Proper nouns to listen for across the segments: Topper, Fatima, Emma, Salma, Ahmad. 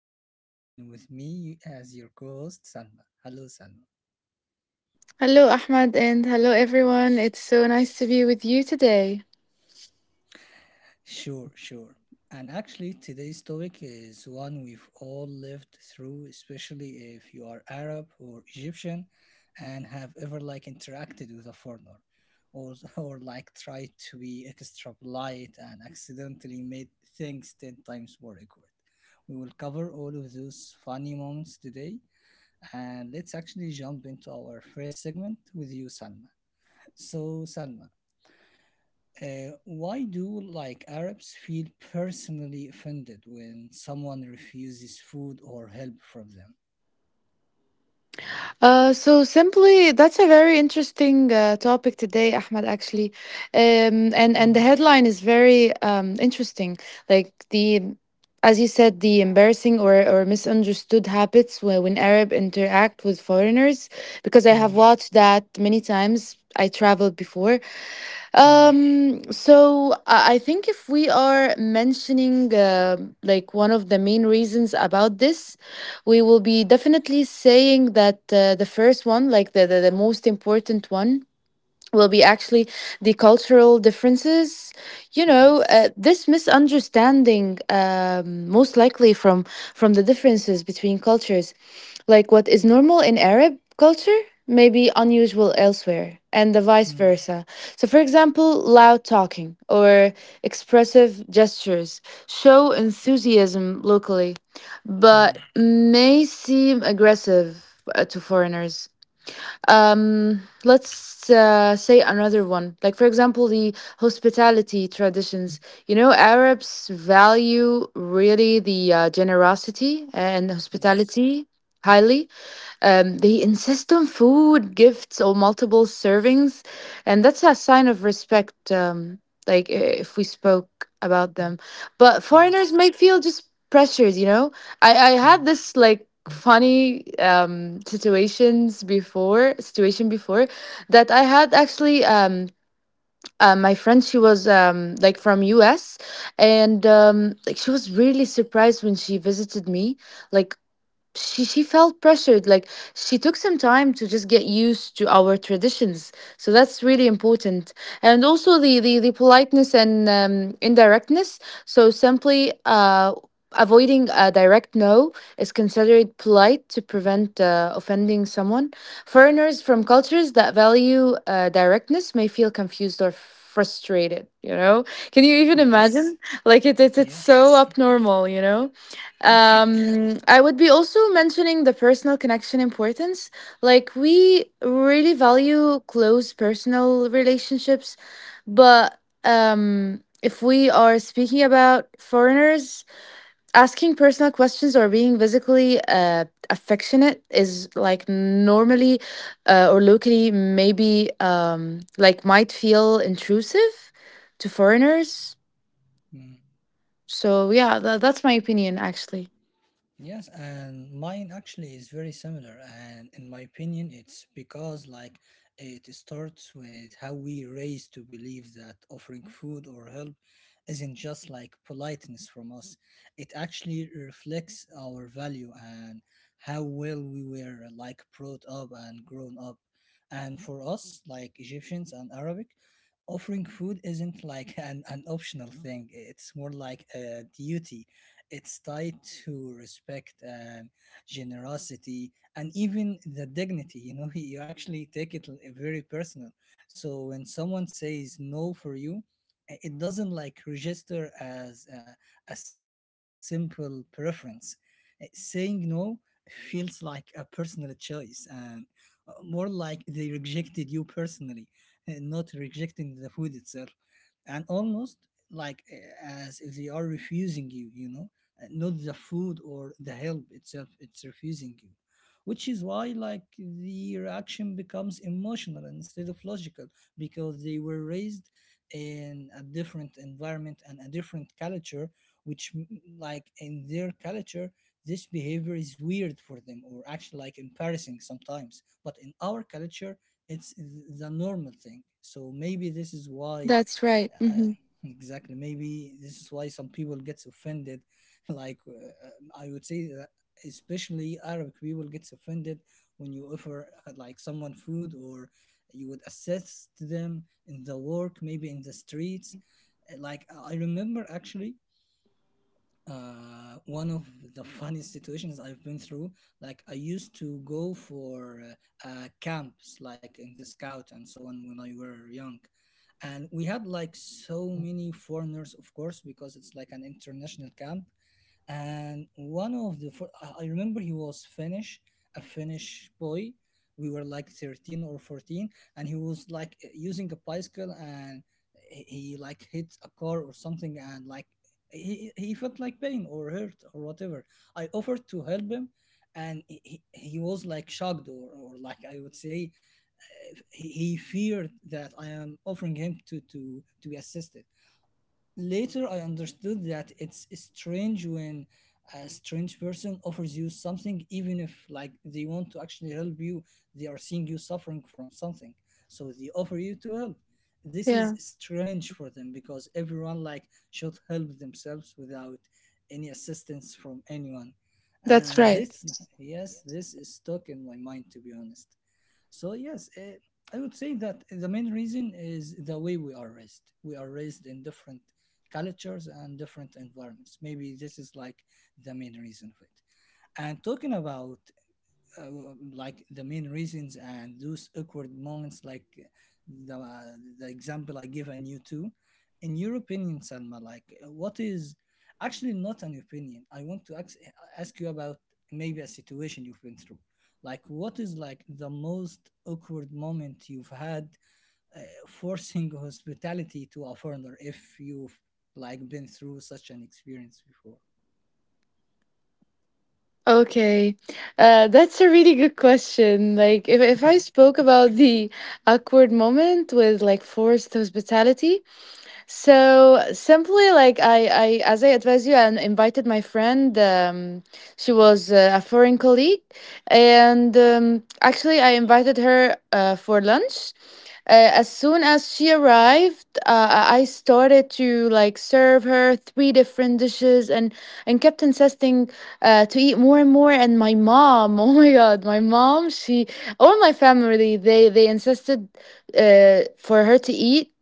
host, and with me as your co host, Salma. Hello, Salma. Hello, Ahmad, and hello, everyone. It's so nice to be with you today. Sure, sure. And actually, today's topic is one we've all lived through, especially if you are Arab or Egyptian and have ever like interacted with a foreigner or, or like tried to be extra polite and accidentally made things 10 times more awkward. We will cover all of those funny moments today, and let's actually jump into our first segment with you, Salma. So, Salma, why do like Arabs feel personally offended when someone refuses food or help from So simply, that's a very interesting topic today, Ahmed. Actually, and the them? headline is very interesting. Like the, as you said, the embarrassing or misunderstood habits when Arab interact with foreigners, because I have Mm, mm, watched that many times. I traveled before. mm. I think if we are mentioning like one of the main reasons about this, we will be definitely saying that the first one, like the most important one, will be actually the cultural differences. You know, Yes. this misunderstanding most likely from the differences between cultures, like what is normal in Arab culture may be unusual elsewhere, and the vice Mm, versa. So, for example, loud talking or expressive gestures show enthusiasm locally, but mm. may seem aggressive to foreigners. Let's say another one, like, for example, the hospitality traditions. You know, Arabs value really the generosity and Yes. hospitality highly. They insist on food, gifts, or multiple servings, and that's a sign of respect. Like i- if we spoke about them, but foreigners Yes. might feel just pressured. You know, I had Mm. this like funny situation before that I had actually. My friend, she was like from us, and like she was really surprised when she visited me. Like, she felt pressured. Like, she took some time to just get used to our traditions. So that's really important. And also the politeness and indirectness. So simply, avoiding a direct no is considered polite to prevent offending someone. Foreigners from cultures that value directness may feel confused or frustrated. You know, can you even Yes. imagine? It's Yes. so Yes. abnormal, you know. Yes. I would be also mentioning the personal connection importance. Like, we really value close personal relationships, but if we are speaking about foreigners, asking personal questions or being physically affectionate is like normally or locally maybe like might feel intrusive to foreigners. Mm. So, yeah, that's my opinion, actually. Yes, and mine actually is very similar. And in my opinion, it's because like it starts with how we raise to believe that offering food or help isn't just like politeness from us. It actually reflects our value and how well we were like brought up and grown up. And for us, like Egyptians and Arabic, offering food isn't like an optional thing. It's more like a duty, it's tied to respect and generosity and even the dignity. You know, you actually take it l- very personal. So when someone says no for you, I- it doesn't like register as a simple preference. Saying no feels like a personal choice and more like they rejected you personally, and not rejecting the food itself and almost like as if they are refusing you you know Not the food or the help itself, it's refusing you, which is why like the reaction becomes emotional instead of logical because they were raised in a different environment and a different culture which m- like in their culture this behavior is weird for them or actually like embarrassing sometimes, but in our culture it's the normal thing. So maybe this is why That's right. uh, Mhm. exactly. Maybe this is why some people gets offended. Like I would say that especially Arabic people gets offended when you offer like someone food, or you would assist them in the work, maybe in the streets. Like I remember actually one of the funniest situations I've been through. Like I used to go for camps, like in the scout and so on, when I were young, and we had like so many foreigners, of course, because it's like an international camp, and one of the I remember he was Finnish, a Finnish boy. We were like 13 or 14, and he was like using a bicycle, and he like hit a car or something, and like he felt like pain or hurt or whatever. I offered to help him, and he was like shocked, or like I would say, he feared that I am offering him to be assisted. Later, I understood that it's strange when a strange person offers you something, even if, like, they want to actually help you, they are seeing you suffering from something. So they offer you to help. This is Yeah, strange for them because everyone, like, should help themselves without any assistance from anyone. that's And right. this, yes, this is stuck in my mind, to be honest. So yes, I would say that the main reason is the way we are raised. We are raised in different cultures and different environments. Maybe this is like the main reason of it. And talking about uh, like the main reasons and those awkward moments like the uh, the example I give, and you too. In your opinion, Salma, like what is actually not an opinion. I want to ask you about maybe a situation you've been through. Like what is like the most awkward moment you've had uh, forcing hospitality to a foreigner, if you've like been through such an experience before? Okay, that's a really good question. Like, if I spoke about the awkward moment with like forced hospitality, so simply, like I as I advise you, I invited my friend. She was a foreign colleague, and actually, I invited her for lunch. As soon as she arrived, I started to like serve her three different dishes, and kept insisting to eat more and more. And my mom, oh my God, my mom, she, all my family, they insisted for her to eat.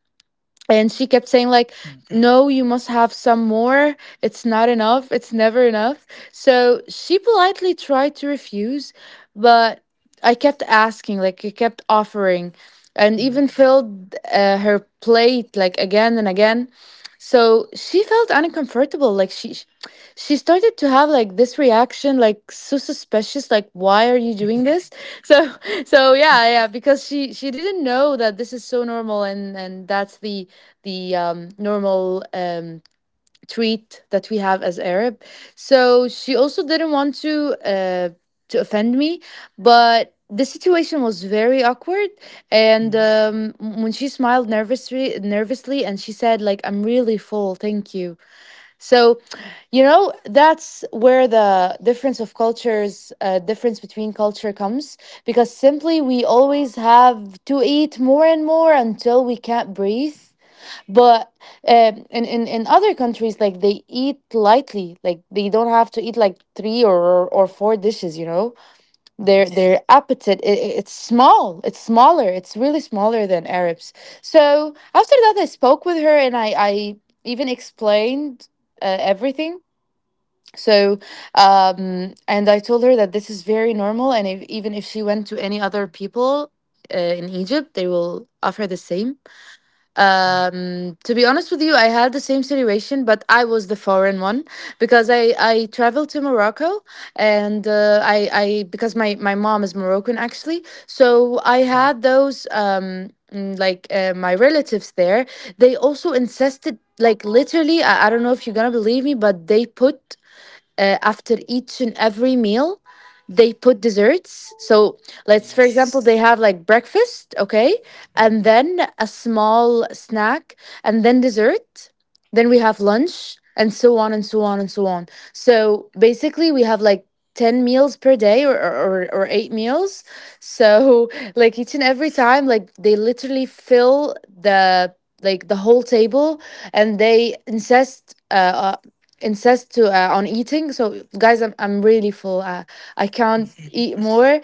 And she kept saying like, Mm, no, you must have some more. It's not enough. It's never enough. So she politely tried to refuse, but I kept asking, like I kept offering, and even mm, filled her plate like again and again. So she felt uncomfortable. Like, she started to have like this reaction, like so suspicious, like why are you doing this? So so yeah, yeah, because she didn't know that this is so normal and that's the normal treat that we have as Arab. So she also didn't want to offend me, but the situation was very awkward. And mm, when she smiled nervously and she said like, I'm really full, thank you. So, you know, that's where the difference of cultures, difference between culture comes, because simply we always have to eat more and more until we can't breathe. But in other countries, like they eat lightly, like they don't have to eat like three or four dishes, you know? their yes. their appetite, it's small, it's smaller, it's really smaller than Arabs. So after that I spoke with her and I even explained everything. So and I told her that this is very normal, and if, even if she went to any other people in Egypt, they will offer the same. Mm, To be honest with you, I had the same situation, but I was the foreign one, because I traveled to Morocco, and I because my mom is Moroccan actually, so I mm. had those my relatives there. They also insisted, like literally, I don't know if you're gonna believe me, but they put after each and every meal, they put desserts. So let's, for Yes. example, they have like breakfast, okay, Mm. and then a small snack, and then dessert, then we have lunch, and so on and so on and so on. So basically, we have like 10 meals per day or 8 meals. So like each and every time, like they literally fill the like the whole table, and they insist insist to on eating. So guys, I'm really full, I can't mm, eat more.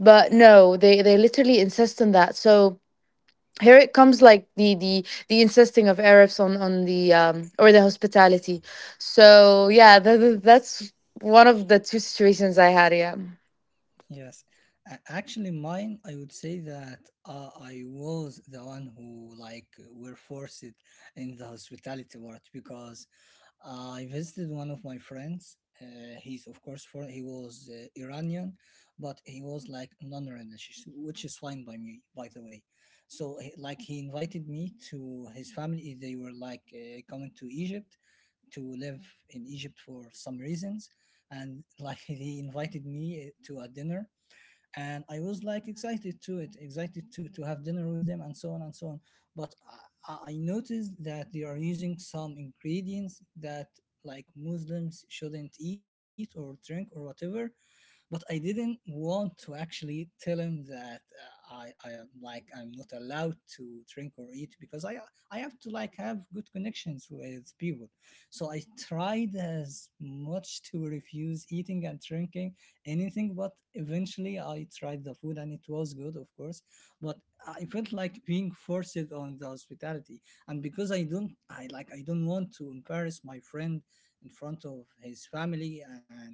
But no, they they literally insist on that. So here it comes, like the insisting of Arabs on the or the hospitality. So yeah, that that's one of the two situations I had. Yeah, Yes. A- Actually, mine, I would say that I was the one who like were forced in the hospitality part because I visited one of my friends. He's of course for he was Iranian, but he was like non-religious, which is fine by me, by the way. So he- like he invited me to his family. They were like coming to Egypt to live in Egypt for some reasons, and like he invited me to a dinner, and I was like excited to it, excited to have dinner with them, and so on and so on. But I noticed that they are using some ingredients that like Muslims shouldn't eat or drink or whatever, but I didn't want to actually tell him that I am, like I'm not allowed to drink or eat because I have to like have good connections with people. So I tried as much to refuse eating and drinking anything, but eventually I tried the food and it was good, of course. But I felt like being forced on the hospitality, and because I like I don't want to embarrass my friend in front of his family, and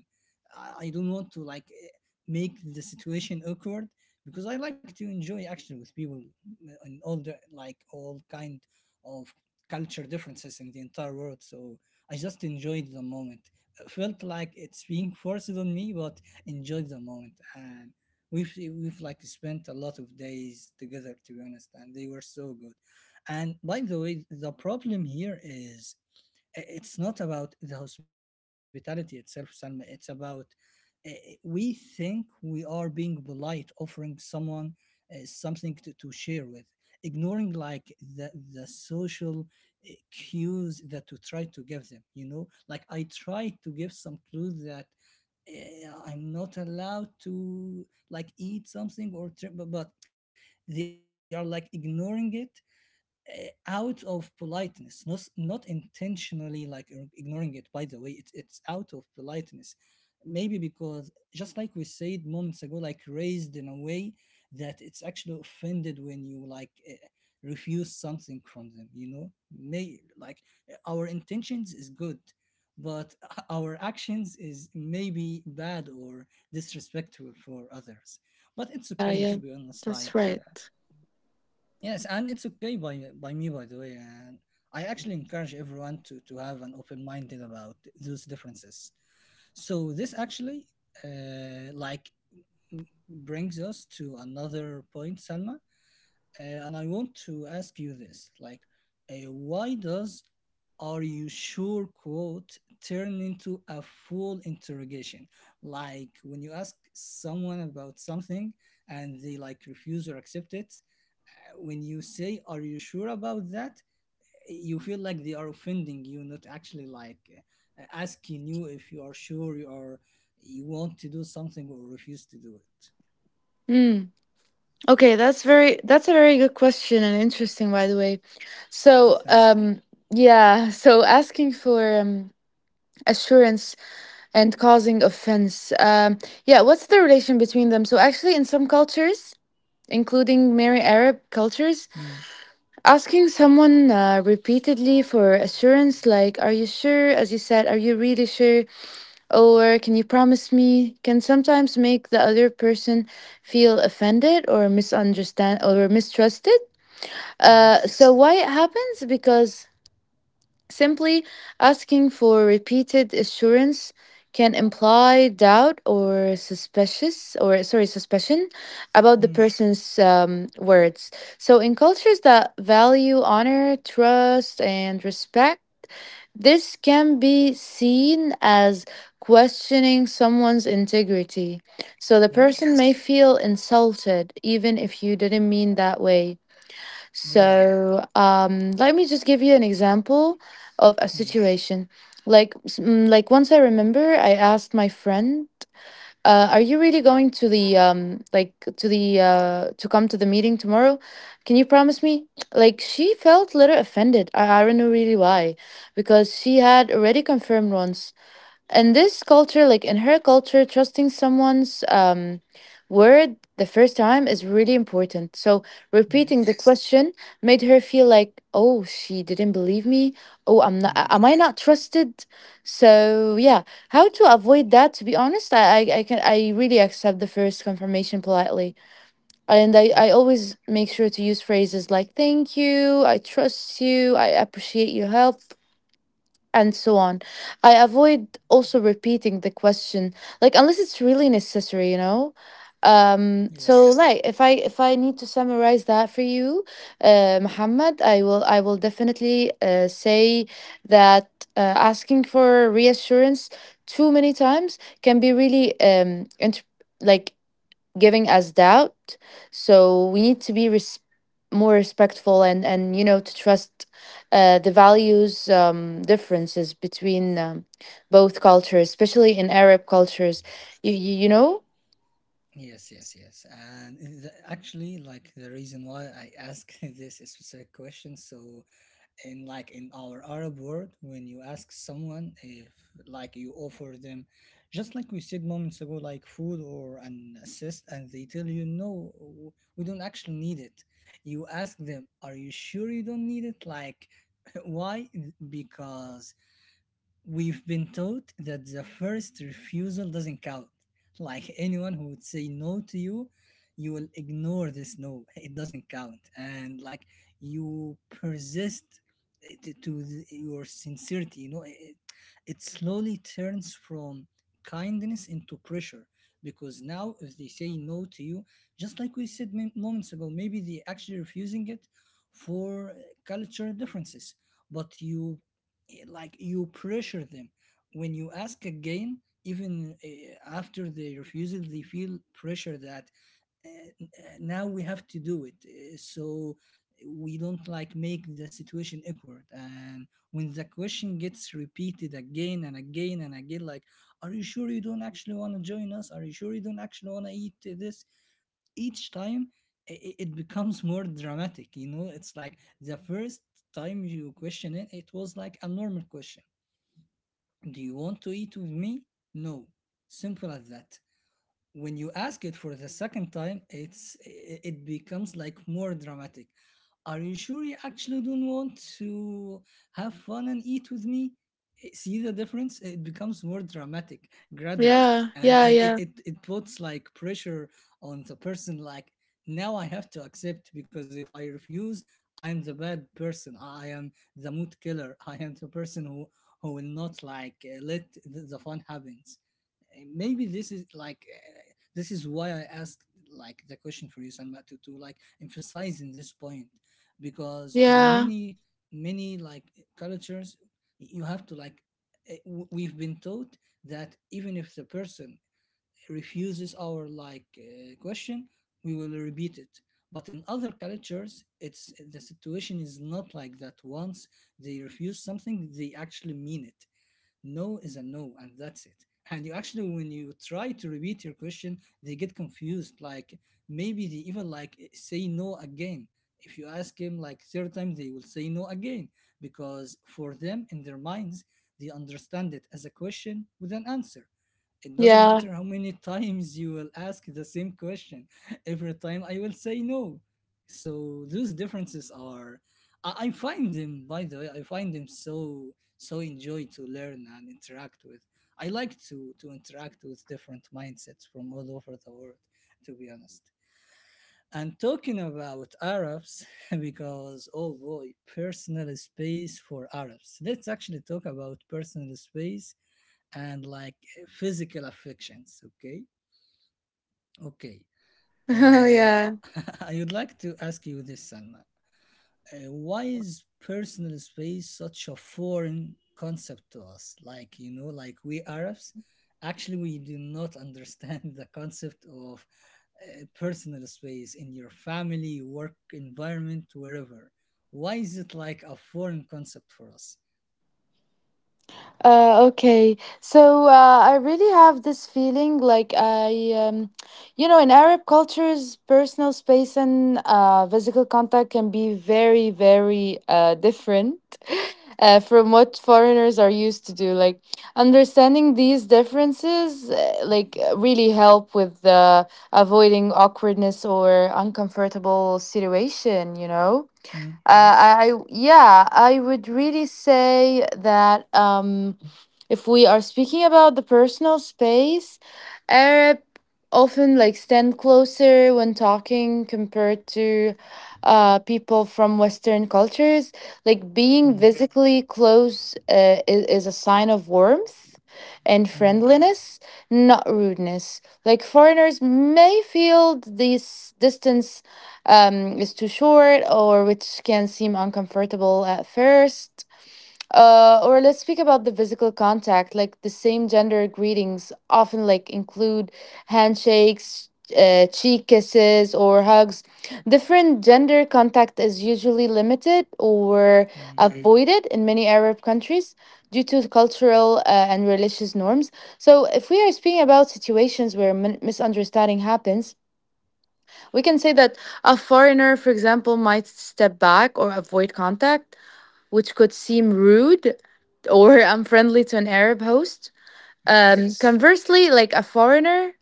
I don't want to like make the situation awkward because I like to enjoy action with people and all the like all kind of culture differences in the entire world. So I just enjoyed the moment. Felt like it's being forced on me, but enjoyed the moment and. We've, we've like spent a lot of days together, to be honest, and they were so good. And by the way, the problem here is i- it's not about the hospitality itself, Salma. It's about uh, we think we are being polite, offering someone something to share with, ignoring like the the social cues that we try to give them. You know, like I tried to give some clues that I'm not allowed to like eat something or trip, but they are like ignoring it out of politeness, not not intentionally like ir- ignoring it. By the way, it's out of politeness, maybe because just like we said moments ago, like raised in a way that it's actually offended when you like refuse something from them. You know, may like our intentions is good, but our actions is maybe bad or disrespectful for others. But it's yeah, okay, yeah. to be honest. Like yes, and it's okay by me, by the way. And I actually encourage everyone to have an open minded about those differences. So this actually like m- brings us to another point, Salma. And I want to ask you this: like, why does "Are you sure?" quote turn into a full interrogation? Like when you ask someone about something and they like refuse or accept it, when you say are you sure about that, you feel like they are offending you, not actually like asking you if you are sure you are you want to do something or refuse to do it. Mm. Okay, that's very that's a very good question and interesting, by the way. I So, think yeah, so asking for assurance and causing offense. Yeah, what's the relation between them? So, actually, in some cultures, including many Arab cultures, mm, asking someone repeatedly for assurance, like, are you sure? As you said, are you really sure? Or can you promise me? Can sometimes make the other person feel offended or misunderstand or mistrusted. Yes. So, why it happens? Because simply asking for repeated assurance can imply doubt or suspicious or, sorry, suspicion about the mm, person's words. So in cultures that value honor, trust, and respect, this can be seen as questioning someone's integrity. So the yes. person may Yes. feel insulted, even if you didn't mean that way. Yeah. So, let me just give you an example of a mm, situation. Like, like once I remember, I asked my friend, "Are you really going to the to come to the meeting tomorrow? Can you promise me?" Like, she felt a little offended. I don't know really why, because she had already confirmed once. In this culture, like in her culture, trusting someone's word the first time is really important. So repeating the yes. question made her feel like, oh, she didn't believe me. Oh, I'm not, mm, am I not trusted? So, yeah, how to avoid that? To be honest, I really accept the first confirmation politely. And I always make sure to use phrases like, thank you, I trust you, I appreciate your help, and so on. I avoid also repeating the question, like, unless it's really necessary, you know. So yes. like if I need to summarize that for you, Muhammad, I will definitely say that asking for reassurance too many times can be really like giving us doubt. So we need to be more respectful, and you know, to trust the values differences between both cultures, especially in Arab cultures. You know. Yes, yes, yes. And the, actually like the reason why I ask this specific question, so in like in our Arab world, when you ask someone if like you offer them, just like we said moments ago, like food or an assist, and they tell you no, w- we don't actually need it, you ask them are you sure you don't need it, like why? Because we've been taught that the first refusal doesn't count. Like anyone who would say no to you, you will ignore this no. It doesn't count. And like you persist to your sincerity, you know, it slowly turns from kindness into pressure. Because now if they say no to you, just like we said min- moments ago, maybe they actually refusing it for culture differences, but you like you pressure them when you ask again, even after the refusal they feel pressure that now we have to do it so we don't like make the situation awkward. And when the question gets repeated again and again and again, like are you sure you don't actually want to join us, are you sure you don't actually want to eat this, each time I- it becomes more dramatic. You know it's like the first time you question it, it was like a normal question. Do you want to eat with me? No. Simple as that. When you ask it for the second time, it's I- it becomes like more dramatic. Are you sure you actually don't want to have fun and eat with me? Eh, see the difference? It becomes more dramatic gradually, Yeah, and yeah, i- it yeah, it, it puts like pressure on the person. Like now, I have to accept because if I refuse, I am the bad person. I am the mood killer. I am the person who will not like let the fun happens. And maybe this is like this is why I asked like the question for you, Salma, to like emphasize in this point because yeah, many like cultures you have to like we've been taught that even if the person refuses our like question we will repeat it, but in other cultures it's the situation is not like that. Once they refuse something, they actually mean it. No is a no and that's it, and you actually when you try to repeat your question they get confused, like maybe they even like say no again. If you ask him like third time, they will say no again, because for them in their minds they understand it as a question with an answer. It doesn't yeah, matter how many times you will ask the same question, every time I will say no. So those differences are, I find them, by the way, I find them so so enjoy to learn and interact with. I like to interact with different mindsets from all over the world, to be honest. And talking about Arabs, because oh boy, personal space for Arabs, let's actually talk about personal space and like physical affections. Okay, okay. Uh, yeah. I would like to ask you this, Salma. Why is personal space such a foreign concept to us? Like you know, like we Arabs, actually we do not understand the concept of personal space in your family, work environment, wherever. Why is it like a foreign concept for us? Okay, so I really have this feeling like you know, in Arab cultures, personal space and physical contact can be very, very different from what foreigners are used to do. Like, understanding these differences, Mm. Really help with avoiding awkwardness or uncomfortable situation. You know, Mm, yes. I would really say that if we are speaking about the personal space, Arab often like stand closer when talking compared to people from Western cultures. Like being Mm, physically close is a sign of warmth and mm, friendliness, not rudeness. Like foreigners may feel this distance is too short, or which can seem uncomfortable at first. Or let's speak about the physical contact. Like the same gender greetings often like include handshakes, cheek kisses, or hugs. Different gender contact is usually limited or mm, avoided in many Arab countries due to cultural and religious norms. So if we are speaking about situations where misunderstanding happens, we can say that a foreigner, for example, might step back or avoid contact, which could seem rude or unfriendly to an Arab host. Yes. Yes. Conversely, like a foreigner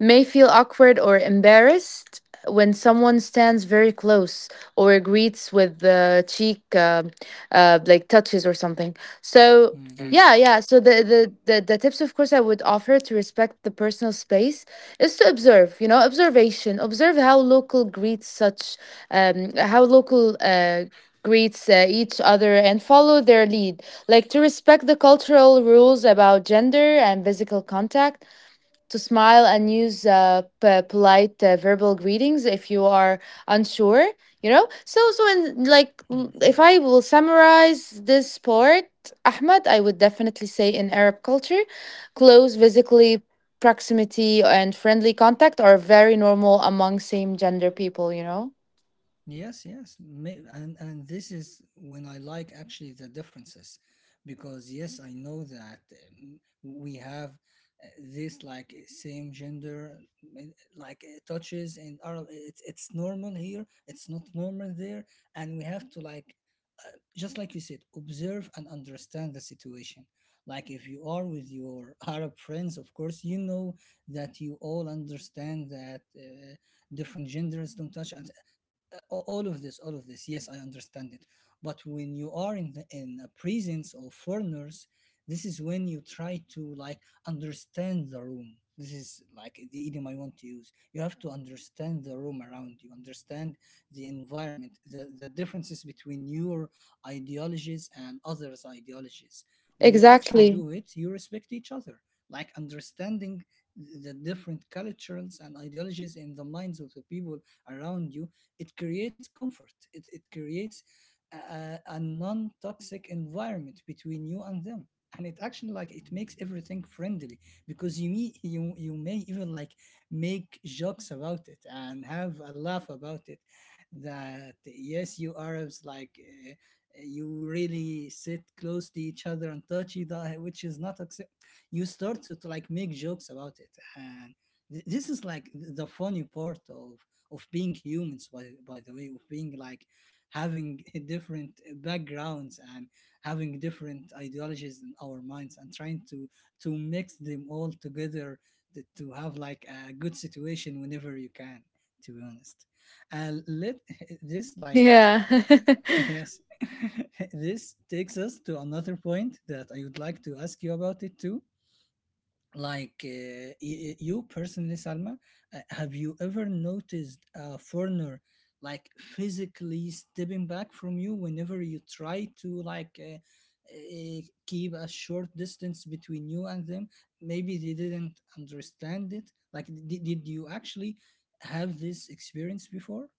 may feel awkward or embarrassed when someone stands very close or greets with the cheek like touches or something. So Mm, Mm. Yeah, yeah, so the tips, of course, I would offer to respect the personal space is to observe you know observation observe how local greets such how local greets each other and follow their lead, like to respect the cultural rules about gender and physical contact, to smile and use polite verbal greetings if you are unsure, you know. Mm. If I will summarize this part, Ahmed, I would definitely say in Arab culture close physically proximity and friendly contact are very normal among same gender people, you know. Yes, yes. May, and this is when I like actually the differences, because yes, I know that we have this like same gender uh, like touches in Arab. It's normal here, it's not normal there, and we have to like just like you said, observe and understand the situation. Like if you are with your Arab friends, of course, you know that you all understand that different genders don't touch. And all of this, yes I understand it, but when you are in the in a presence of foreigners, this is when you try to like understand the room. This is like the idiom I want to use: you have to understand the room around you, understand the environment, the differences between your ideologies and others ideologies. When you actually Exactly. do it, you respect each other, like understanding the different cultures and ideologies in the minds of the people around you. It creates comfort, it creates a non-toxic environment between you and them, and it actually like it makes everything friendly, because you meet you may even like make jokes about it and have a laugh about it, that yes you Arabs like uh, you really sit close to each other and touch each other, which is not accept. You start to like make jokes about it. And this is like the funny part of being humans, by the way, of being like having different backgrounds and having different ideologies in our minds and trying to mix them all together to have like a good situation whenever you can, to be honest. And let this like Yeah. Yes this takes us to another point that I would like to ask you about it too. Like you personally, Salma, have you ever noticed a foreigner like physically stepping back from you whenever you try to like uh, keep a short distance between you and them? Maybe they didn't understand it. Like did you actually have this experience before?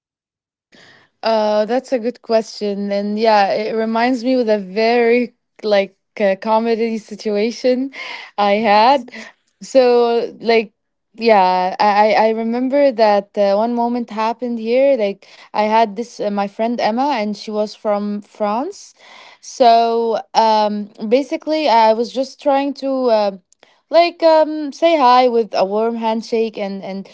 That's a good question. And yeah, it reminds me with a very comedy situation I Yes. had. So like yeah, I remember that one moment happened here. Like I had this my friend Emma and she was from France. So basically I was just trying to uh, say hi with a warm handshake, and and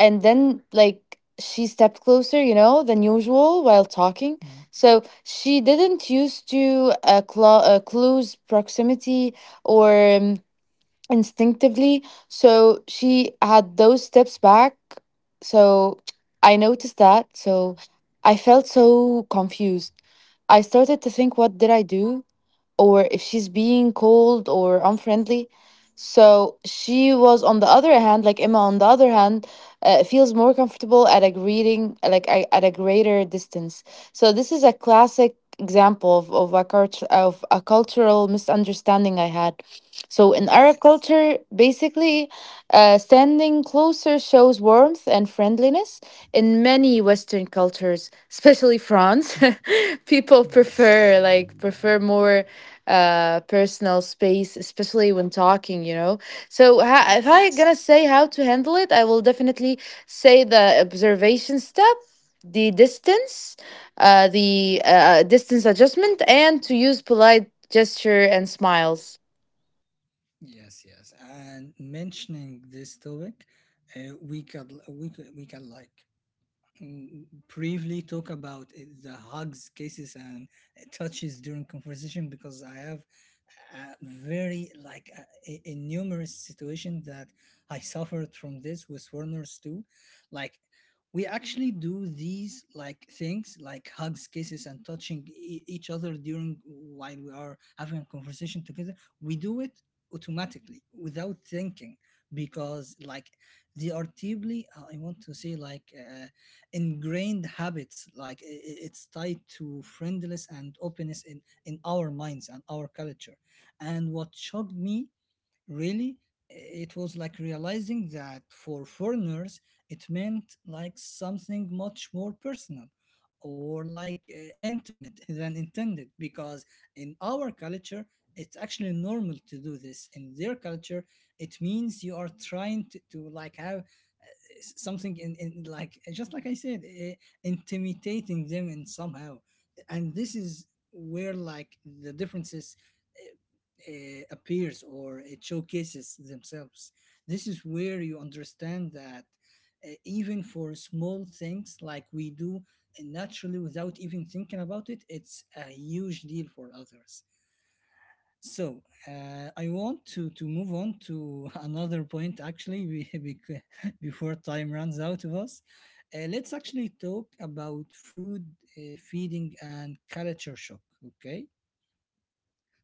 and then like she stepped closer, you know, than usual while talking. Mm, So she didn't used to clues proximity or instinctively, so she had those steps back. So I noticed that, so I felt so confused. I started to think what did I do, or if she's being cold or unfriendly. So she was on the other hand, like Emma on the other hand, feels more comfortable at a greeting, like at a greater distance. So this is a classic example of, of a cultural misunderstanding I had. So in yes. Arab culture, basically, standing closer shows warmth and friendliness. In many Western cultures, especially France, people Yes. prefer more personal space, especially when talking, you know. So if Yes. I'm gonna say how to handle it, I will definitely say the observation step, the distance, the distance adjustment, and to use polite gesture and smiles. Yes, yes. And mentioning this topic, we can we can like mm, briefly talk about the hugs, kisses, and touches during conversation, because I have a very like a numerous situation that I suffered from this with foreigners too. Like we actually do these like things like hugs, kisses, and touching each other during while we are having a conversation together. We do it automatically without thinking, because like they are deeply I want to say like ingrained habits. Like it's tied to friendliness and openness in our minds and our culture. And what shocked me really, it was like realizing that for foreigners it meant like something much more personal or like intimate than intended, because in our culture it's actually normal to do this. In their culture it means you are trying to like have something in like just like I said, intimidating them in somehow, and this is where like the differences appears or it showcases themselves. This is where you understand that even for small things like we do naturally without even thinking about it, it's a huge deal for others. So I want to move on to another point actually before time runs out of us. Let's actually talk about food, feeding, and culture shock. Okay,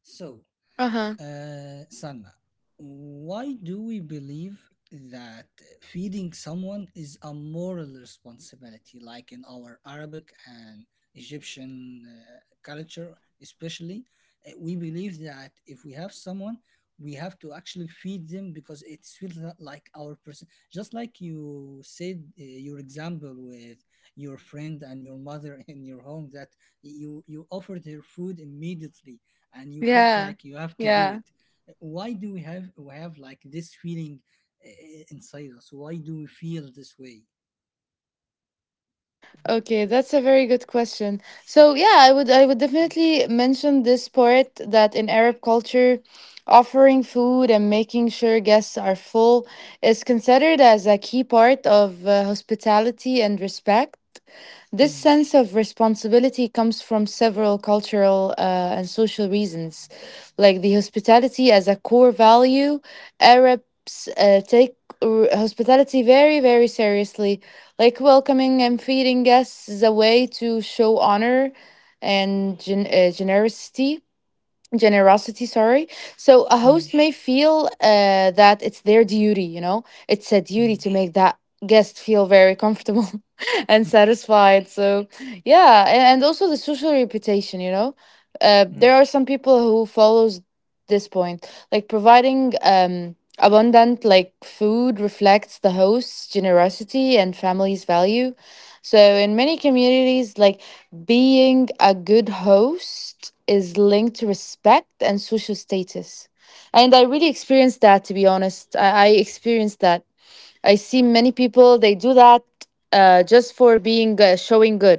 so Uh huh. Sanna, why do we believe that feeding someone is a moral responsibility, like in our Arabic and Egyptian culture, especially? We believe that if we have someone, we have to actually feed them because it feels like our person. Just like you said, your example with your friend and your mother in your home, that you offered her food immediately and you felt Yeah. like you have to do Yeah. it. Why do we have like this feeling inside us? Why do we feel this way? Okay, that's a very good question. So yeah, I would definitely mention this part that in Arab culture, offering food and making sure guests are full is considered as a key part of hospitality and respect. This Mm, sense of responsibility comes from several cultural and social reasons, like the hospitality as a core value. Arabs take hospitality very, very seriously, like welcoming and feeding guests is a way to show honor and generosity. Sorry. So a mm, host may feel that it's their duty, you know, it's a duty mm, to make that guest feel very comfortable and satisfied. So yeah, and also the social reputation, you know. Mm. There are some people who follows this point, like providing abundant like food reflects the host's generosity and family's value. So in many communities, like being a good host is linked to respect and social status. And I really experienced that, to be honest. I experienced that. I see many people, they do that just for being showing good.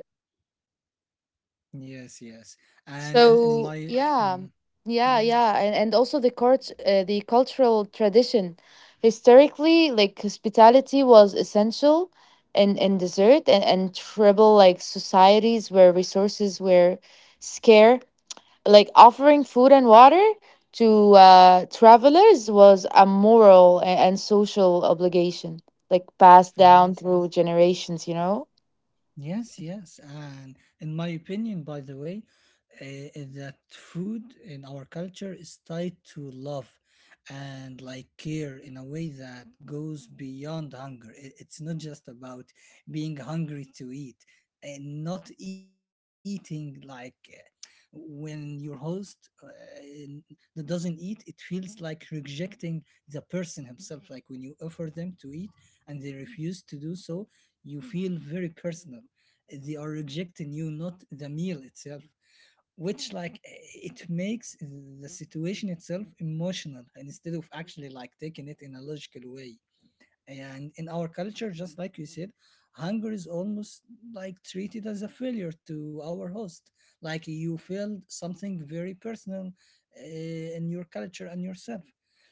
Yes, yes. And in So, my yeah, mm, yeah, yeah. And and also the cultural tradition. Historically, like hospitality was essential in dessert and tribal like societies where resources were scarce, like offering food and water to travelers was a moral and social obligation, like passed down yes. through generations, you know? Yes, yes. And in my opinion, by the way, is that food in our culture is tied to love and like care in a way that goes beyond hunger. I- It's not just about being hungry to eat and not eating like when your host n- that doesn't eat, it feels like rejecting the person himself. Like when you offer them to eat and they refuse to do so, you feel very personal. They are rejecting you, not the meal itself, which like it makes the situation itself emotional instead of actually like taking it in a logical way. And in our culture, just like you said, hunger is almost like treated as a failure to our host, like you failed something very personal uh, in your culture and yourself.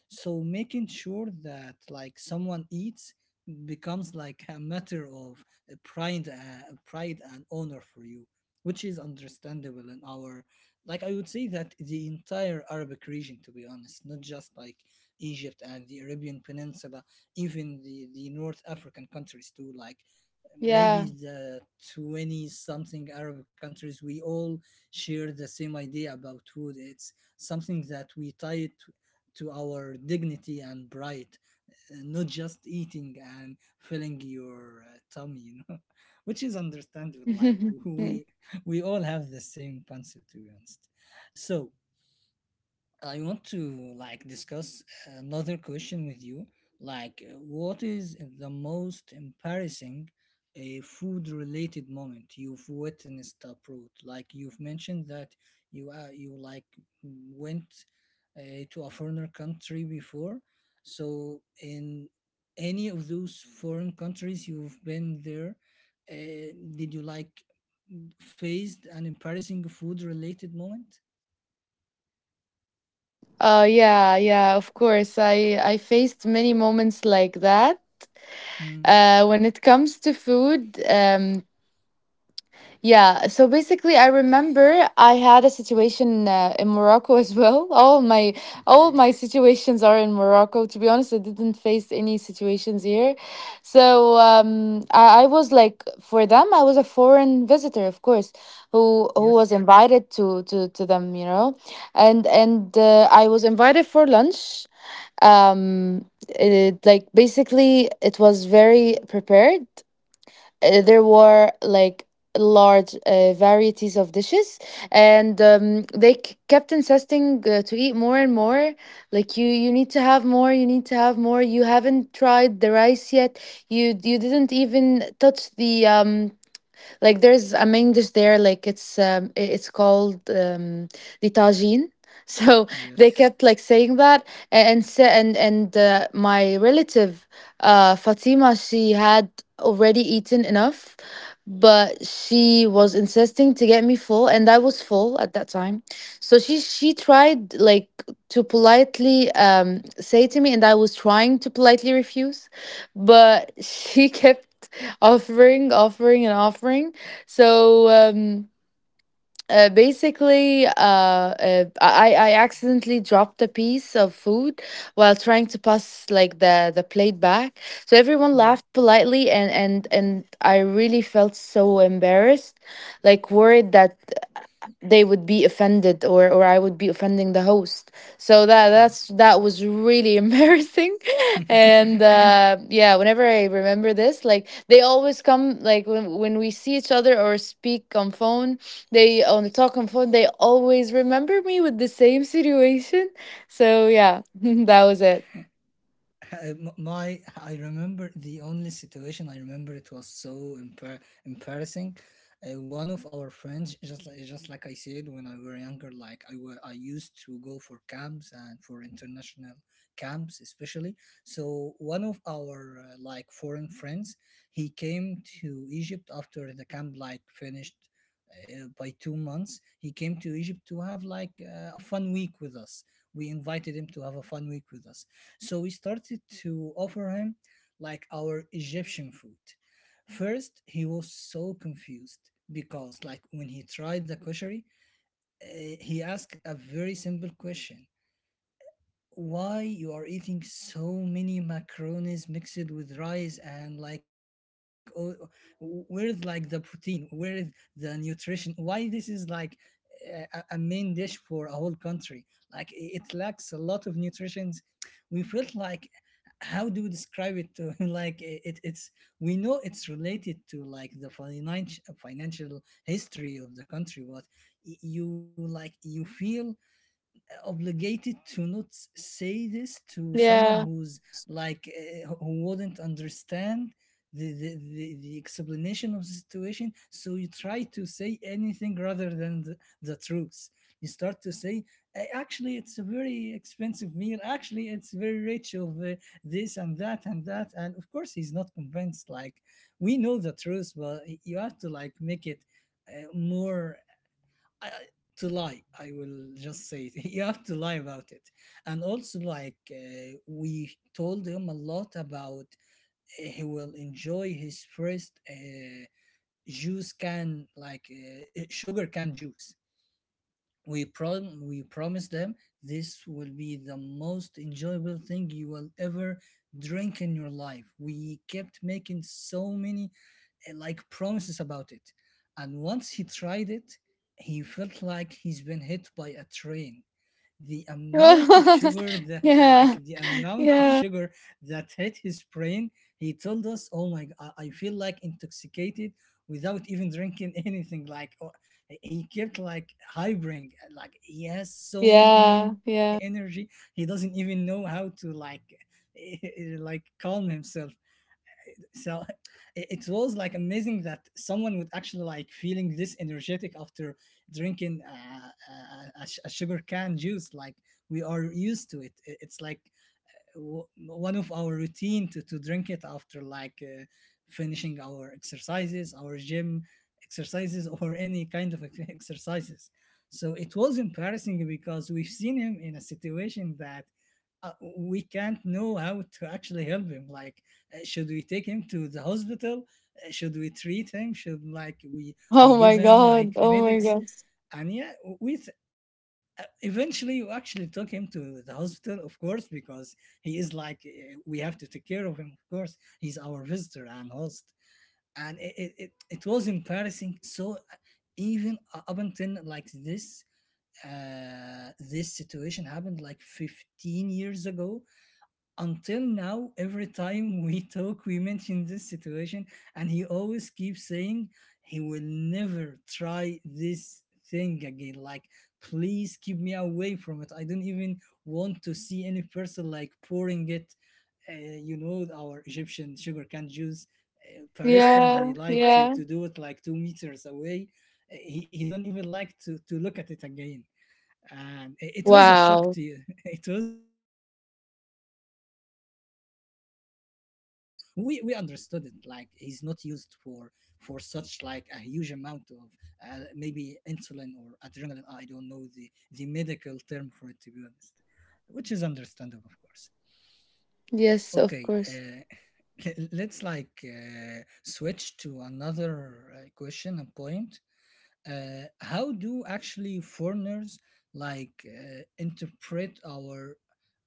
So making sure that like someone eats becomes like a matter of pride and honor for you, which is understandable in our, like I would say that the entire Arabic region, to be honest, not just like Egypt and the Arabian Peninsula, even the North African countries too, like Yeah. maybe the 20 something Arab countries, we all share the same idea about food. It's something that we tie it to our dignity and pride, not just eating and filling your tummy, you know, which is understandable. Like we we all have the same concept, to be honest. So I want to like discuss another question with you. Like, what is the most embarrassing food-related moment you've witnessed abroad? Like, you've mentioned that you like went to a foreign country before. So, in any of those foreign countries you've been there, uh, did you like faced an embarrassing food-related moment? Yeah, yeah, of course. I faced many moments like that. Mm, When it comes to food, yeah, so basically, I remember I had a situation in Morocco as well. Okay. all my situations are in Morocco. To be honest, I didn't face any situations here. So I was like, for them, I was a foreign visitor, of course, who Yes. was invited to them, you know, and I was invited for lunch. It, like basically, it was very prepared. There were like large varieties of dishes, and they kept insisting to eat more and more, like you need to have more, you need to have more, you haven't tried the rice yet, you didn't even touch the like there's a main dish there, like it's it's called the tagine. So they Yes. kept like saying that, a- and sa- and my relative, Fatima, she had already eaten enough, but she was insisting to get me full, and I was full at that time. So she tried like to politely um, say to me, and I was trying to politely refuse, but she kept offering, offering, and offering. So I accidentally dropped a piece of food while trying to pass like the plate back. So everyone Hmm. laughed politely, and I really felt so embarrassed, like worried that they would be offended, or I would be offending the host. So that that's that was really embarrassing. And yeah, whenever I remember this, like they always come like when we see each other or speak on phone, they on the talk on phone, they always remember me with the same situation. So yeah, that was it. My, I remember the only situation I remember, it was so embar- embarrassing. One of our friends, just like I said, when I were younger, like I were I used to go for camps and for international camps especially. So one of our like foreign friends, he came to Egypt after the camp like finished. By 2 months, he came to Egypt to have like a fun week with us. We invited him to have a fun week with us. So we started to offer him like our Egyptian food. First, he was so confused because, like, when he tried the koshari, he asked a very simple question. Why you are eating so many macaronis mixed with rice? And like, oh, where is like the protein, where is the nutrition, why this is like a, a main dish for a whole country? Like it lacks a lot of nutrition. We felt like how do we describe it to like it's, we know it's related to like the financial history of the country. But you like, you feel obligated to not say this to someone Yeah. who's like who wouldn't understand the explanation of the situation. So you try to say anything rather than the truth. You start to say, Actually, it's a very expensive meal, actually it's very rich of this and that and that." And of course he's not convinced. Like, we know the truth, but you have to like make it more, I, to lie. I will just say it. You have to lie about it. And also, like we told him a lot about, he will enjoy his first juice can, like sugar can juice. We we promise them this will be the most enjoyable thing you will ever drink in your life. We kept making so many like promises about it. And once he tried it, he felt like he's been hit by a train. The amount of sugar that Yeah. like the amount of Yeah. sugar that hit his brain, he told us, "Oh my, I feel like intoxicated without even drinking anything." Like, oh, he kept like hybring, like he has so many Yeah. energy, Yeah. he doesn't even know how to like like calm himself. So it was like amazing that someone would actually like feeling this energetic after drinking a, a sugar can juice. Like, we are used to it. It's like one of our routine to drink it after like finishing our exercises, our gym exercises, or any kind of exercises. So it was embarrassing because we've seen him in a situation that uh, we can't know how to actually help him. Like, should we take him to the hospital? Should we treat him? Should like we Oh my give him god. like Oh my medics? god. And yeah, we eventually you actually took him to the hospital, of course, because he is like, we have to take care of him. Of course, he's our visitor and host. And it was embarrassing. So even up until like this, this situation happened like 15 years ago. Until now, every time we talk, we mention this situation. And he always keeps saying he will never try this thing again. Like, please keep me away from it, I don't even want to see any person like pouring it. Uh, you know, our Egyptian sugar cane juice barista, Yeah. they like to Yeah. to do it like 2 meters away. He don't even like to look at it again. And it was a shock Wow. to you. It was a shock to us. But we understood it. Like, he's not used for such like a huge amount of, maybe insulin or adrenaline. I don't know the medical term for it, to be honest, which is understandable, of course. Yes, Okay. of course. Let's like switch to another question and point. Uh, how do actually foreigners like interpret our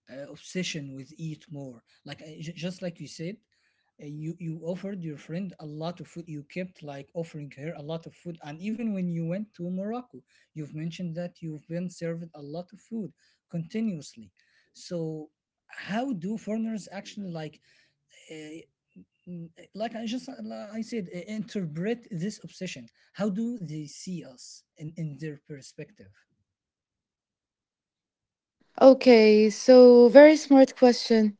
obsession with eat more, like just like you said, you, you offered your friend a lot of food, you kept like offering her a lot of food. And even when you went to Morocco, you've mentioned that you've been served a lot of food continuously. So how do foreigners actually like, uh, mm, eh, like I just, like I said, eh, interpret this obsession? How do they see us in their perspective? Okay, so very smart question.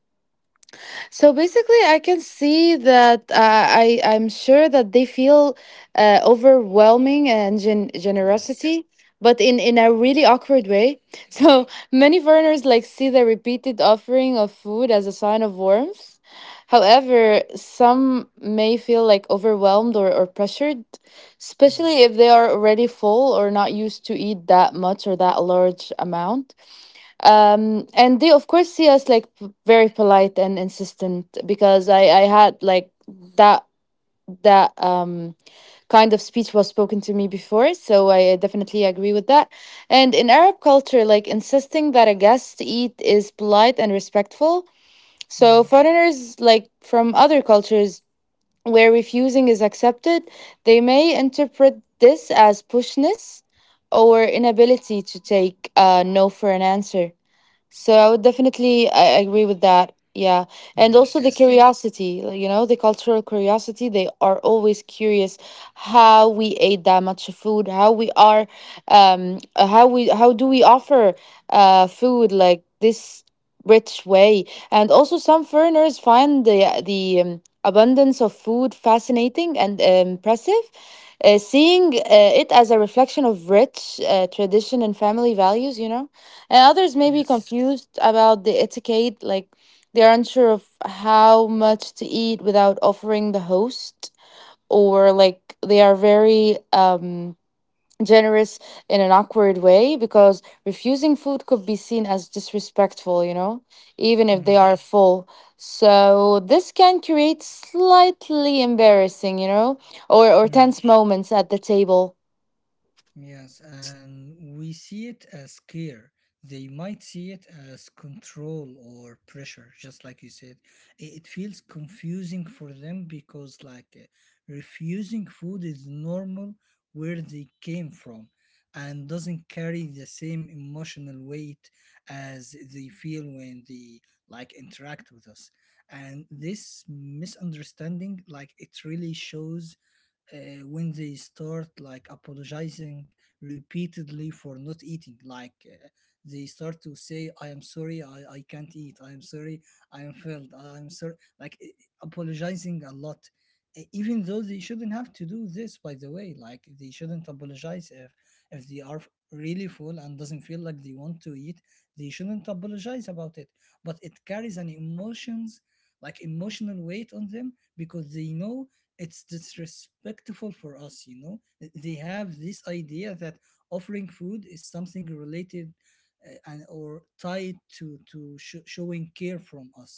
So basically, I can see that I'm sure that they feel overwhelming and Yes. generosity, but in a really awkward way. So many foreigners like see the repeated offering of food as a sign of warmth. However, some may feel like overwhelmed, or pressured, Mm. especially if they are already full or not used to eat that much or that large amount. And they of course see us like very polite and insistent, because I had like that that kind of speech was spoken to me before, so I definitely agree with that. And in Arab culture, like insisting that a guest eat is polite and respectful. So Mm. foreigners like from other cultures where refusing is accepted, they may interpret this as pushness or inability to take no for an answer. So I would definitely I agree with that. Yeah. And also Yes, the Interesting. yes, Curiosity, like, you know, the cultural curiosity. They are always curious how we ate that much food, how we are, how do we offer food like this rich way. And also some foreigners find the abundance of food fascinating and impressive. Seeing it as a reflection of rich tradition and family values, you know? And others may be yes. confused about the etiquette, like they're unsure of how much to eat without offering the host, or like they are very generous in an awkward way, because refusing food could be seen as disrespectful, you know, even if they Mm. are full. So this can create slightly embarrassing, you know, or Mm. tense moments at the table. Yes, and we see it as care. They might see it as control or pressure, just like you said. It feels confusing for them because, like, refusing food is normal where they came from, and doesn't carry the same emotional weight as they feel when they like interact with us. And this misunderstanding, like, it really shows when they start like apologizing repeatedly for not eating. Like they start to say, "I am sorry, I can't eat, I am sorry, I am filled, I am sorry." Like, eh, eh, apologizing a lot. Eh, even though they shouldn't have to do this, by the way. Like, they shouldn't apologize if they are really full and doesn't feel like they want to eat. They shouldn't apologize about it. But it carries an emotions, like emotional weight on them because they know it's disrespectful for us, you know. They have this idea that offering food is something related and or tied to sho showing care from us.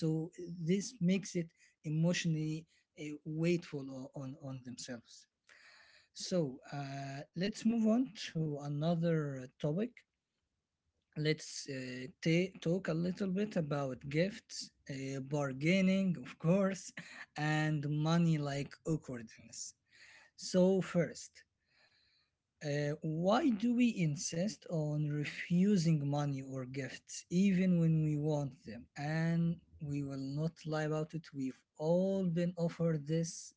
So this makes it emotionally weightful on themselves. So let's move on to another topic. Let's talk a little bit about gifts, bargaining, of course, and money, like, awkwardness. So, first, why do we insist on refusing money or gifts even when we want them? And we will not lie about it. We've all been offered this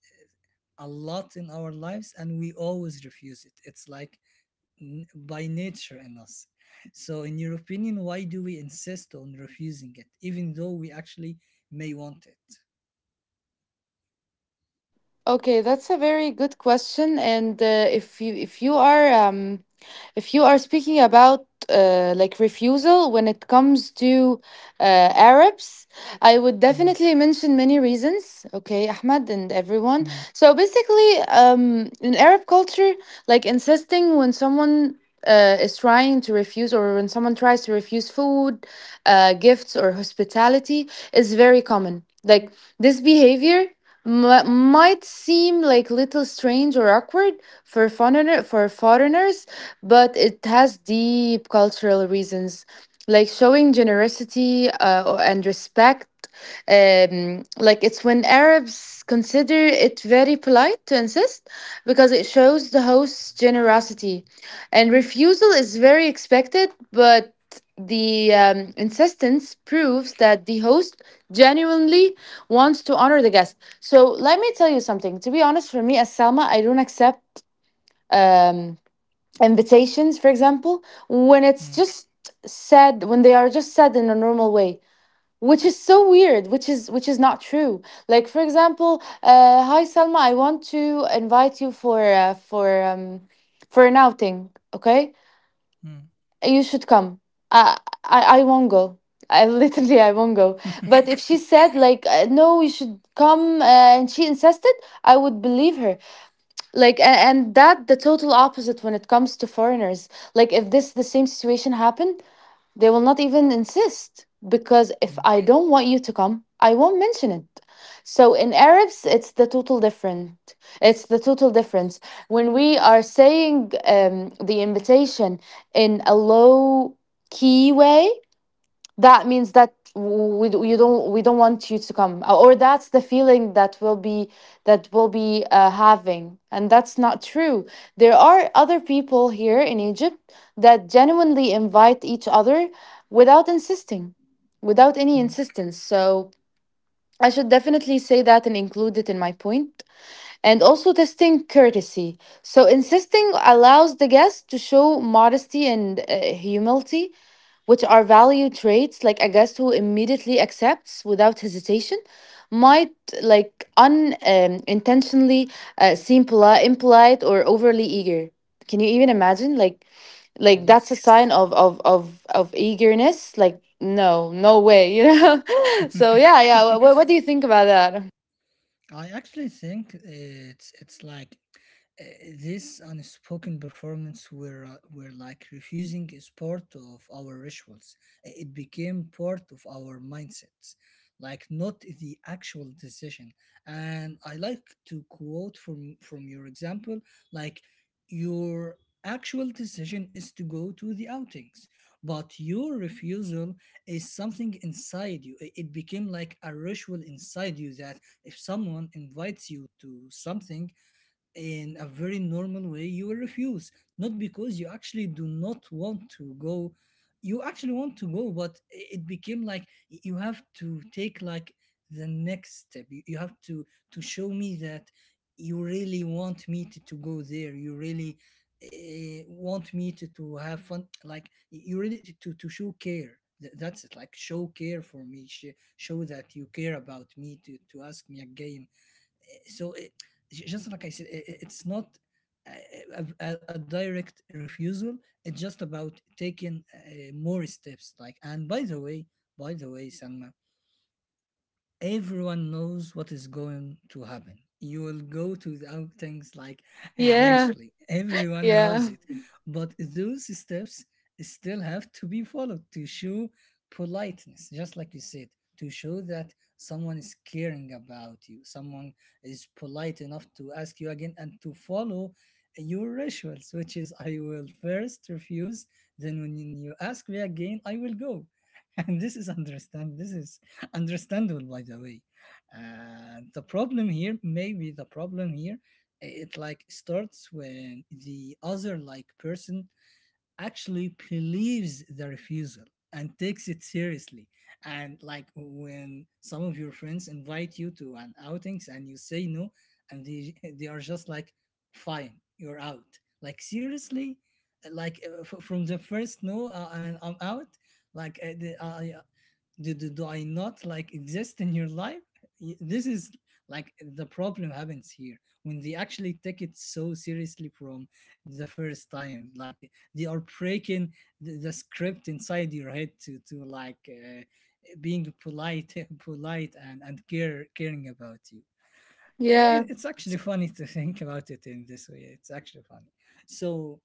a lot in our lives, and we always refuse it. It's like, by nature in us. So, in your opinion, why do we insist on refusing it even though we actually may want it? Okay, that's a very good question. And if you are speaking about like refusal when it comes to Arabs, I would Mm. definitely mention many reasons. Okay, Ahmad and everyone. Mm. So basically, in Arab culture, like insisting when someone is trying to refuse, or when someone tries to refuse food, gifts or hospitality is very common. Like this behavior might seem like little strange or awkward for for foreigners, but it has deep cultural reasons, like showing generosity and respect. Like it's when Arabs consider it very polite to insist because it shows the host's generosity. And refusal is very expected, but the insistence proves that the host genuinely wants to honor the guest. So let me tell you something. To be honest, for me as Salma, I don't accept um, invitations, for example, when it's Mm. just said, when they are just said in a normal way, which is so weird, which is not true. Like for example, hi Salma, I want to invite you for for an outing. Okay, Mm. you should come. I I won't go. I literally I won't go. But if she said like no you should come, and she insisted, I would believe her. like and, and that the total opposite when it comes to foreigners. Like if this the same situation happened, they will not even insist, because if Mm. I don't want you to come, I won't mention it. So in Arabs, it's the total different. It's the total difference. When we are saying the invitation in a low key way, that means that we don't want you to come. Or that's the feeling that will be having, and that's not true. There are other people here in Egypt that genuinely invite each other without insisting, without any Mm. insistence. So I should definitely say that and include it in my point. And also testing courtesy. So insisting allows the guest to show modesty and humility, which are value traits. Like a guest who immediately accepts without hesitation might, like, unintentionally intentionally, seem impolite or overly eager. Can you even imagine? Like that's a Yes. sign of eagerness. Like, no, no way, you know. So yeah, yeah, what, what do you think about that? I actually think it's like uh, this unspoken performance where, are like refusing is part of our rituals. Eh, it became part of our mindsets, like not the actual decision. And I like to quote from your example, like, your actual decision is to go to the outings, but your refusal is something inside you, it became like a ritual inside you that if someone invites you to something in a very normal way, you will refuse. Not because you actually do not want to go. You actually want to go, but it became like you have to take like the next step. You have to show me that you really want me to go there. You really, want me to have fun. Like you really to show care. That's it. Like, show care for me. Show that you care about me, to ask me again. So just like I said, I it's not a, a direct refusal. It's just about taking more steps. Like, and by the way, Salma, everyone knows what is going to happen. You will go to the outings, like, Yeah, eventually. Everyone knows yeah, it. But those steps still have to be followed to show politeness, just like you said, to show that someone is caring about you, someone is polite enough to ask you again and to follow your rituals, which is I will first refuse, then when you ask me again, I will go. And this is understand, this is understandable, by the way. And the problem here, maybe the problem here, it like starts when the other like person actually believes the refusal and takes it seriously. And like, when some of your friends invite you to an outings and you say no, and they they are just like, fine, you're out. Like, seriously, like from the first no, and I'm out. Like the, I, do, do, do I not like exist in your life? This is like the problem happens here, when they actually take it so seriously from the first time. Like, they are breaking the script inside your head to like being polite, polite, and care caring about you. yeah. It's actually funny to think about it in this way. It's actually funny. So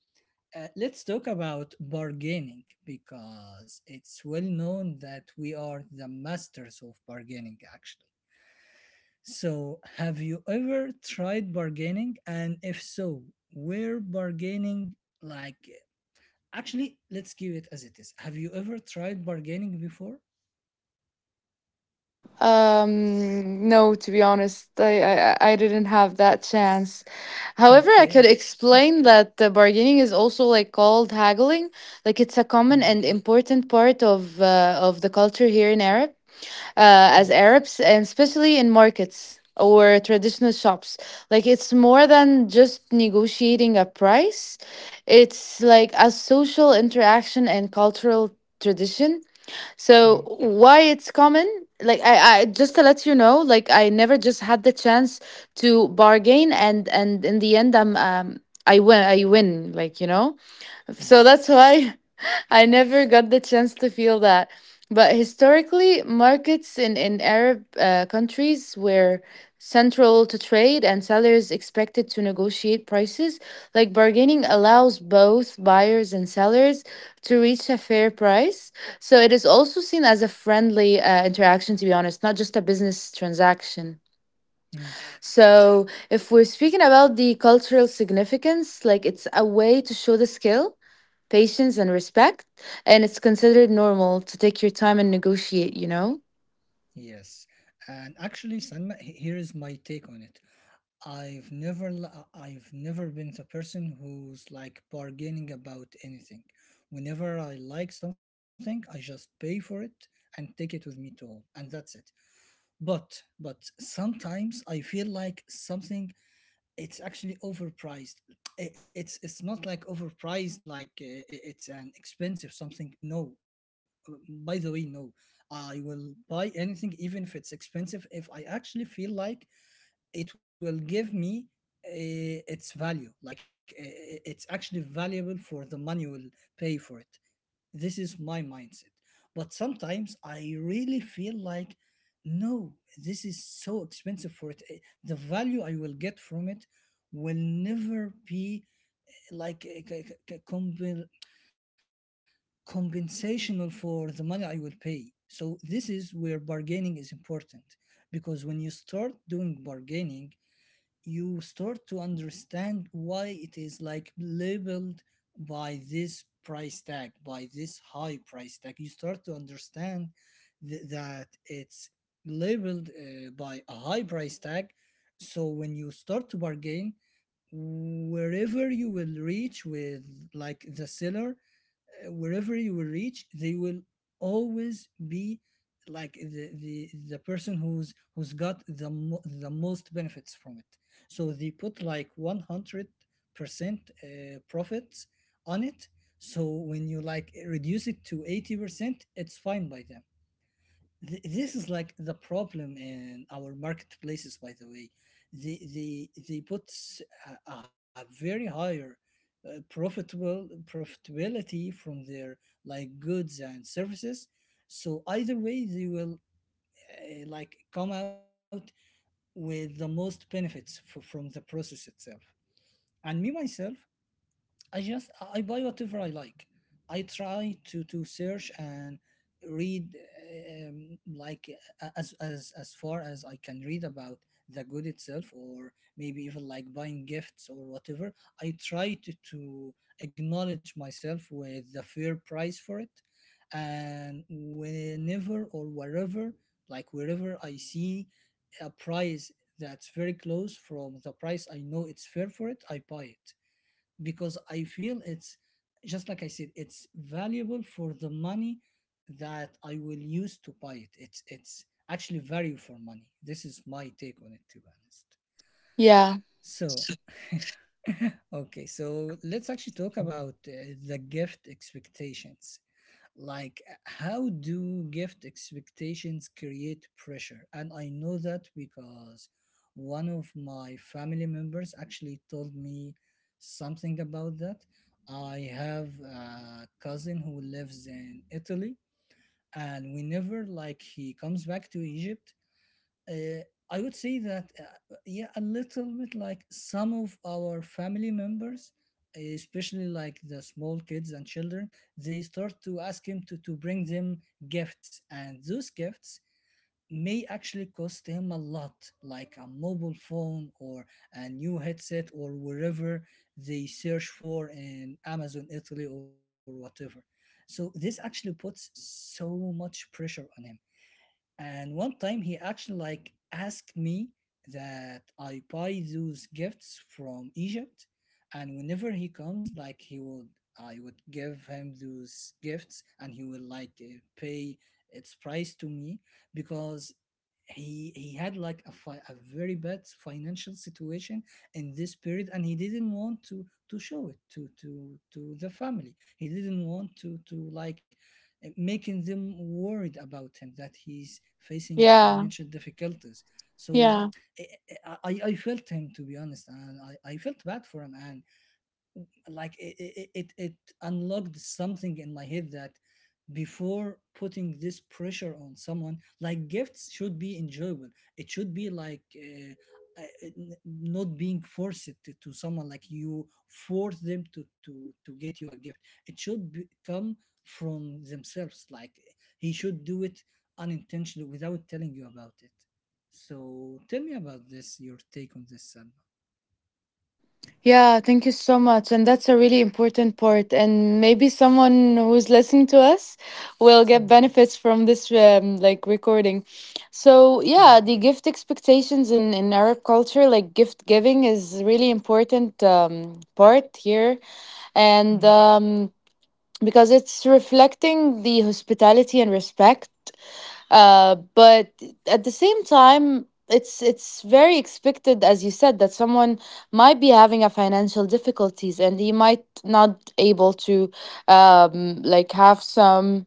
let's talk about bargaining, because it's well known that we are the masters of bargaining, actually. So, have you ever tried bargaining? And if so, where bargaining, like, actually, let's give it as it is. Have you ever tried bargaining before? No, to be honest, I didn't have that chance. However, I could Okay. explain that bargaining is also like called haggling. Like it's a common Mm. and important part of the culture here in Arab, as Mm. Arabs, and especially in markets or traditional shops. Like it's more than just negotiating a price. It's like a social interaction and cultural tradition. Mm. So why it's common? Like I just to let you know, like I never just had the chance to bargain, and in the end, I'm I win, like you know. So Yes. that's why I never got the chance to feel that. But historically, markets in Arab countries were central to trade, and sellers expected to negotiate prices. Like bargaining allows both buyers and sellers to reach a fair price. So it is also seen as a friendly interaction, to be honest, not just a business transaction. Mm. So if we're speaking about the cultural significance, like it's a way to show the skill, patience, and respect. And it's considered normal to take your time and negotiate, you know? Yes. And actually, Sanma, here is my take on it. I've never I've never been the person who's like bargaining about anything. Whenever I like something, I just pay for it and take it with me to home, and that's it. But sometimes I feel like something, it's actually overpriced. It's not like overpriced like it's an expensive something. No. By the way, no. I will buy anything even if it's expensive if I actually feel like it will give me its value it's actually valuable for the money you will pay for it. This is my mindset, but sometimes I really feel like no, this is so expensive for it. The value I will get from it will never be like a, compensational for the money I will pay. So this is where bargaining is important, because when you start doing bargaining, you start to understand why it is like labeled by this price tag, by this high price tag. You start to understand that it's labeled by a high price tag. So when you start to bargain, wherever you will reach with like the seller, wherever you will reach, they will always be like the person who's got the most benefits from it. So they put like 100% profits on it. So when you like reduce it to 80%, it's fine by them. This is like the problem in our marketplaces, by the way. They put a very higher profitable profitability from their like goods and services, so either way they will like come out with the most benefits from the process itself. And me myself, I just I buy whatever I like. I try to search and read um, like as far as I can read about the good itself, or maybe even like buying gifts or whatever. I try to acknowledge myself with the fair price for it, and whenever or wherever, like wherever I see a price that's very close from the price I know it's fair for it, I buy it because I feel it's just like I said, it's valuable for the money that I will use to buy it. It's actually value for money. This is my take on it, to be honest. Yeah, So, okay, so let's actually talk about the gift expectations, like how do gift expectations create pressure. And I know that because one of my family members actually told me something about that. I have a cousin who lives in Italy, and whenever like he comes back to Egypt, uh, I would say that, yeah, a little bit like some of our family members, especially like the small kids and children, they start to ask him to bring them gifts. And those gifts may actually cost him a lot, like a mobile phone or a new headset or wherever they search for in Amazon Italy or whatever. So this actually puts so much pressure on him, and one time he actually like asked me that I buy those gifts from Egypt, and whenever he comes like he would, I would give him those gifts and he will like pay its price to me, because he had like a, a very bad financial situation in this period, and he didn't want to show it to the family. He didn't want to like making them worried about him that he's facing yeah, financial difficulties. So yeah. I, I felt him, to be honest, and I felt bad for him, and like it unlocked something in my head that before putting this pressure on someone, like gifts should be enjoyable. It should be like not being forced to someone, like you force them to get you a gift. It should be, come from themselves, like he should do it unintentionally without telling you about it. So tell me about this, your take on this, Salma. Yeah, thank you so much. And that's a really important part. And maybe someone who's listening to us will get Mm, benefits from this like recording. So yeah, mm, the gift expectations in Arab culture, like gift giving is really important part here. And mm, because it's reflecting the hospitality and respect. But at the same time, it's very expected, as you said, that someone might be having a financial difficulties, and he might not able to like have some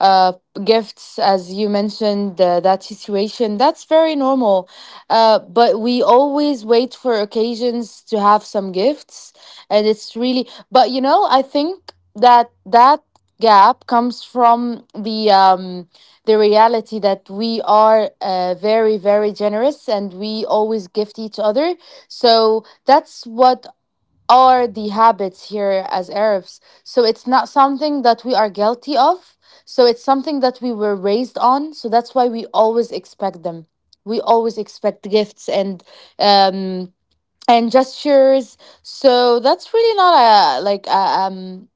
uh, gifts, as you mentioned, that situation, that's very normal. But we always wait for occasions to have some gifts. And it's really, but you know, I think that that gap comes from the reality that we are very very generous, and we always gift each other. So that's what are the habits here as Arabs. So it's not something that we are guilty of. So it's something that we were raised on. So that's why we always expect them. We always expect gifts um and gestures. So that's really not a like a,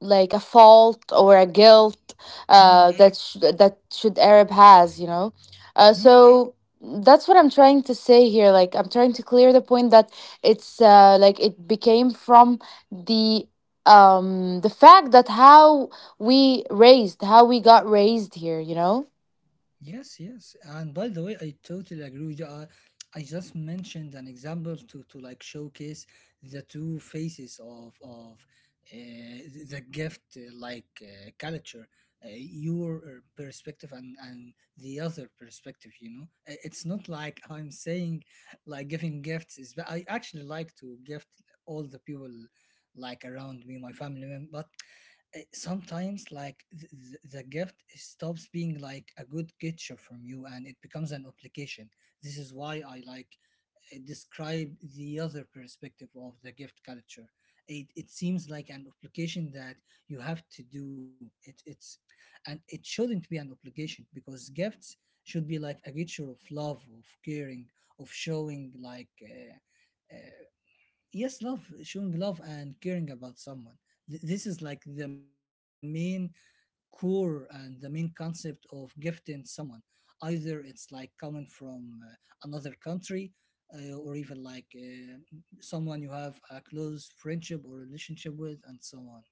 like a fault or a guilt mm, that that should Arab has, you know. Mm. So that's what I'm trying to say here. Like I'm trying to clear the point that it's like it became from the the fact that how we raised, how we got raised here, you know. Yes, yes. And by the way, I totally agree with you. I just mentioned an example to like showcase the two faces of uh, the gift like culture, your perspective and the other perspective, you know. It's not like I'm saying like giving gifts is I actually like to gift all the people like around me, my family, but sometimes like the gift stops being like a good gesture from you and it becomes an obligation. This is why I like describe the other perspective of the gift culture. It seems like an obligation that you have to do it, it's, and it shouldn't be an obligation, because gifts should be like a gesture of love, of caring, of showing like yes, love, showing love and caring about someone. This is like the main core and the main concept of gifting someone. Either it's like coming from another country, or even like someone you have a close friendship or relationship with, and so on.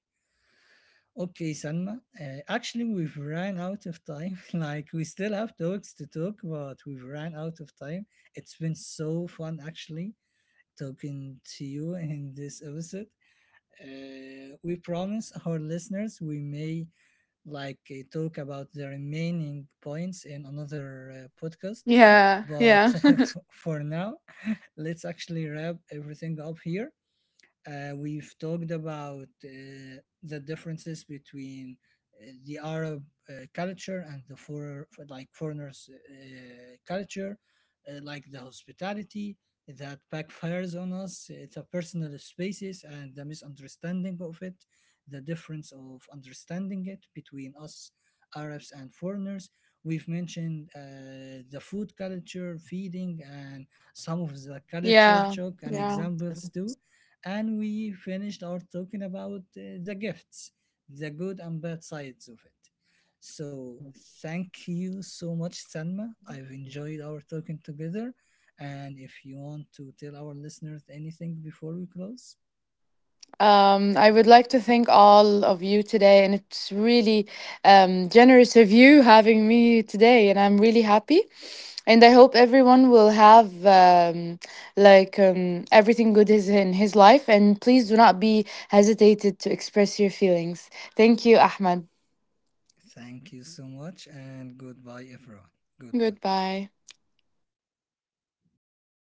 Okay, Sanma. Actually, we've ran out of time. Like, we still have talks to talk, but we've ran out of time. It's been so fun, actually, talking to you in this episode. We promise our listeners we may like talk about the remaining points in another podcast. Yeah, But yeah. For now, let's actually wrap everything up here. We've talked about the differences between the Arab culture and the for like foreigners' culture, like the hospitality that backfires on us, the personal spaces and the misunderstanding of it, the difference of understanding it between us Arabs and foreigners. We've mentioned the food culture, feeding, and some of the cultural shock and Wow. examples too. And we finished our talking about the gifts, the good and bad sides of it. So thank you so much, Sanma. I've enjoyed our talking together. And if you want to tell our listeners anything before we close, Um, I would like to thank all of you today, and it's really generous of you having me today, and I'm really happy. And I hope everyone will have like everything good is in his life. And please do not be hesitated to express your feelings. Thank you, Ahmad. thank you so much and goodbye, everyone. Goodbye. Goodbye.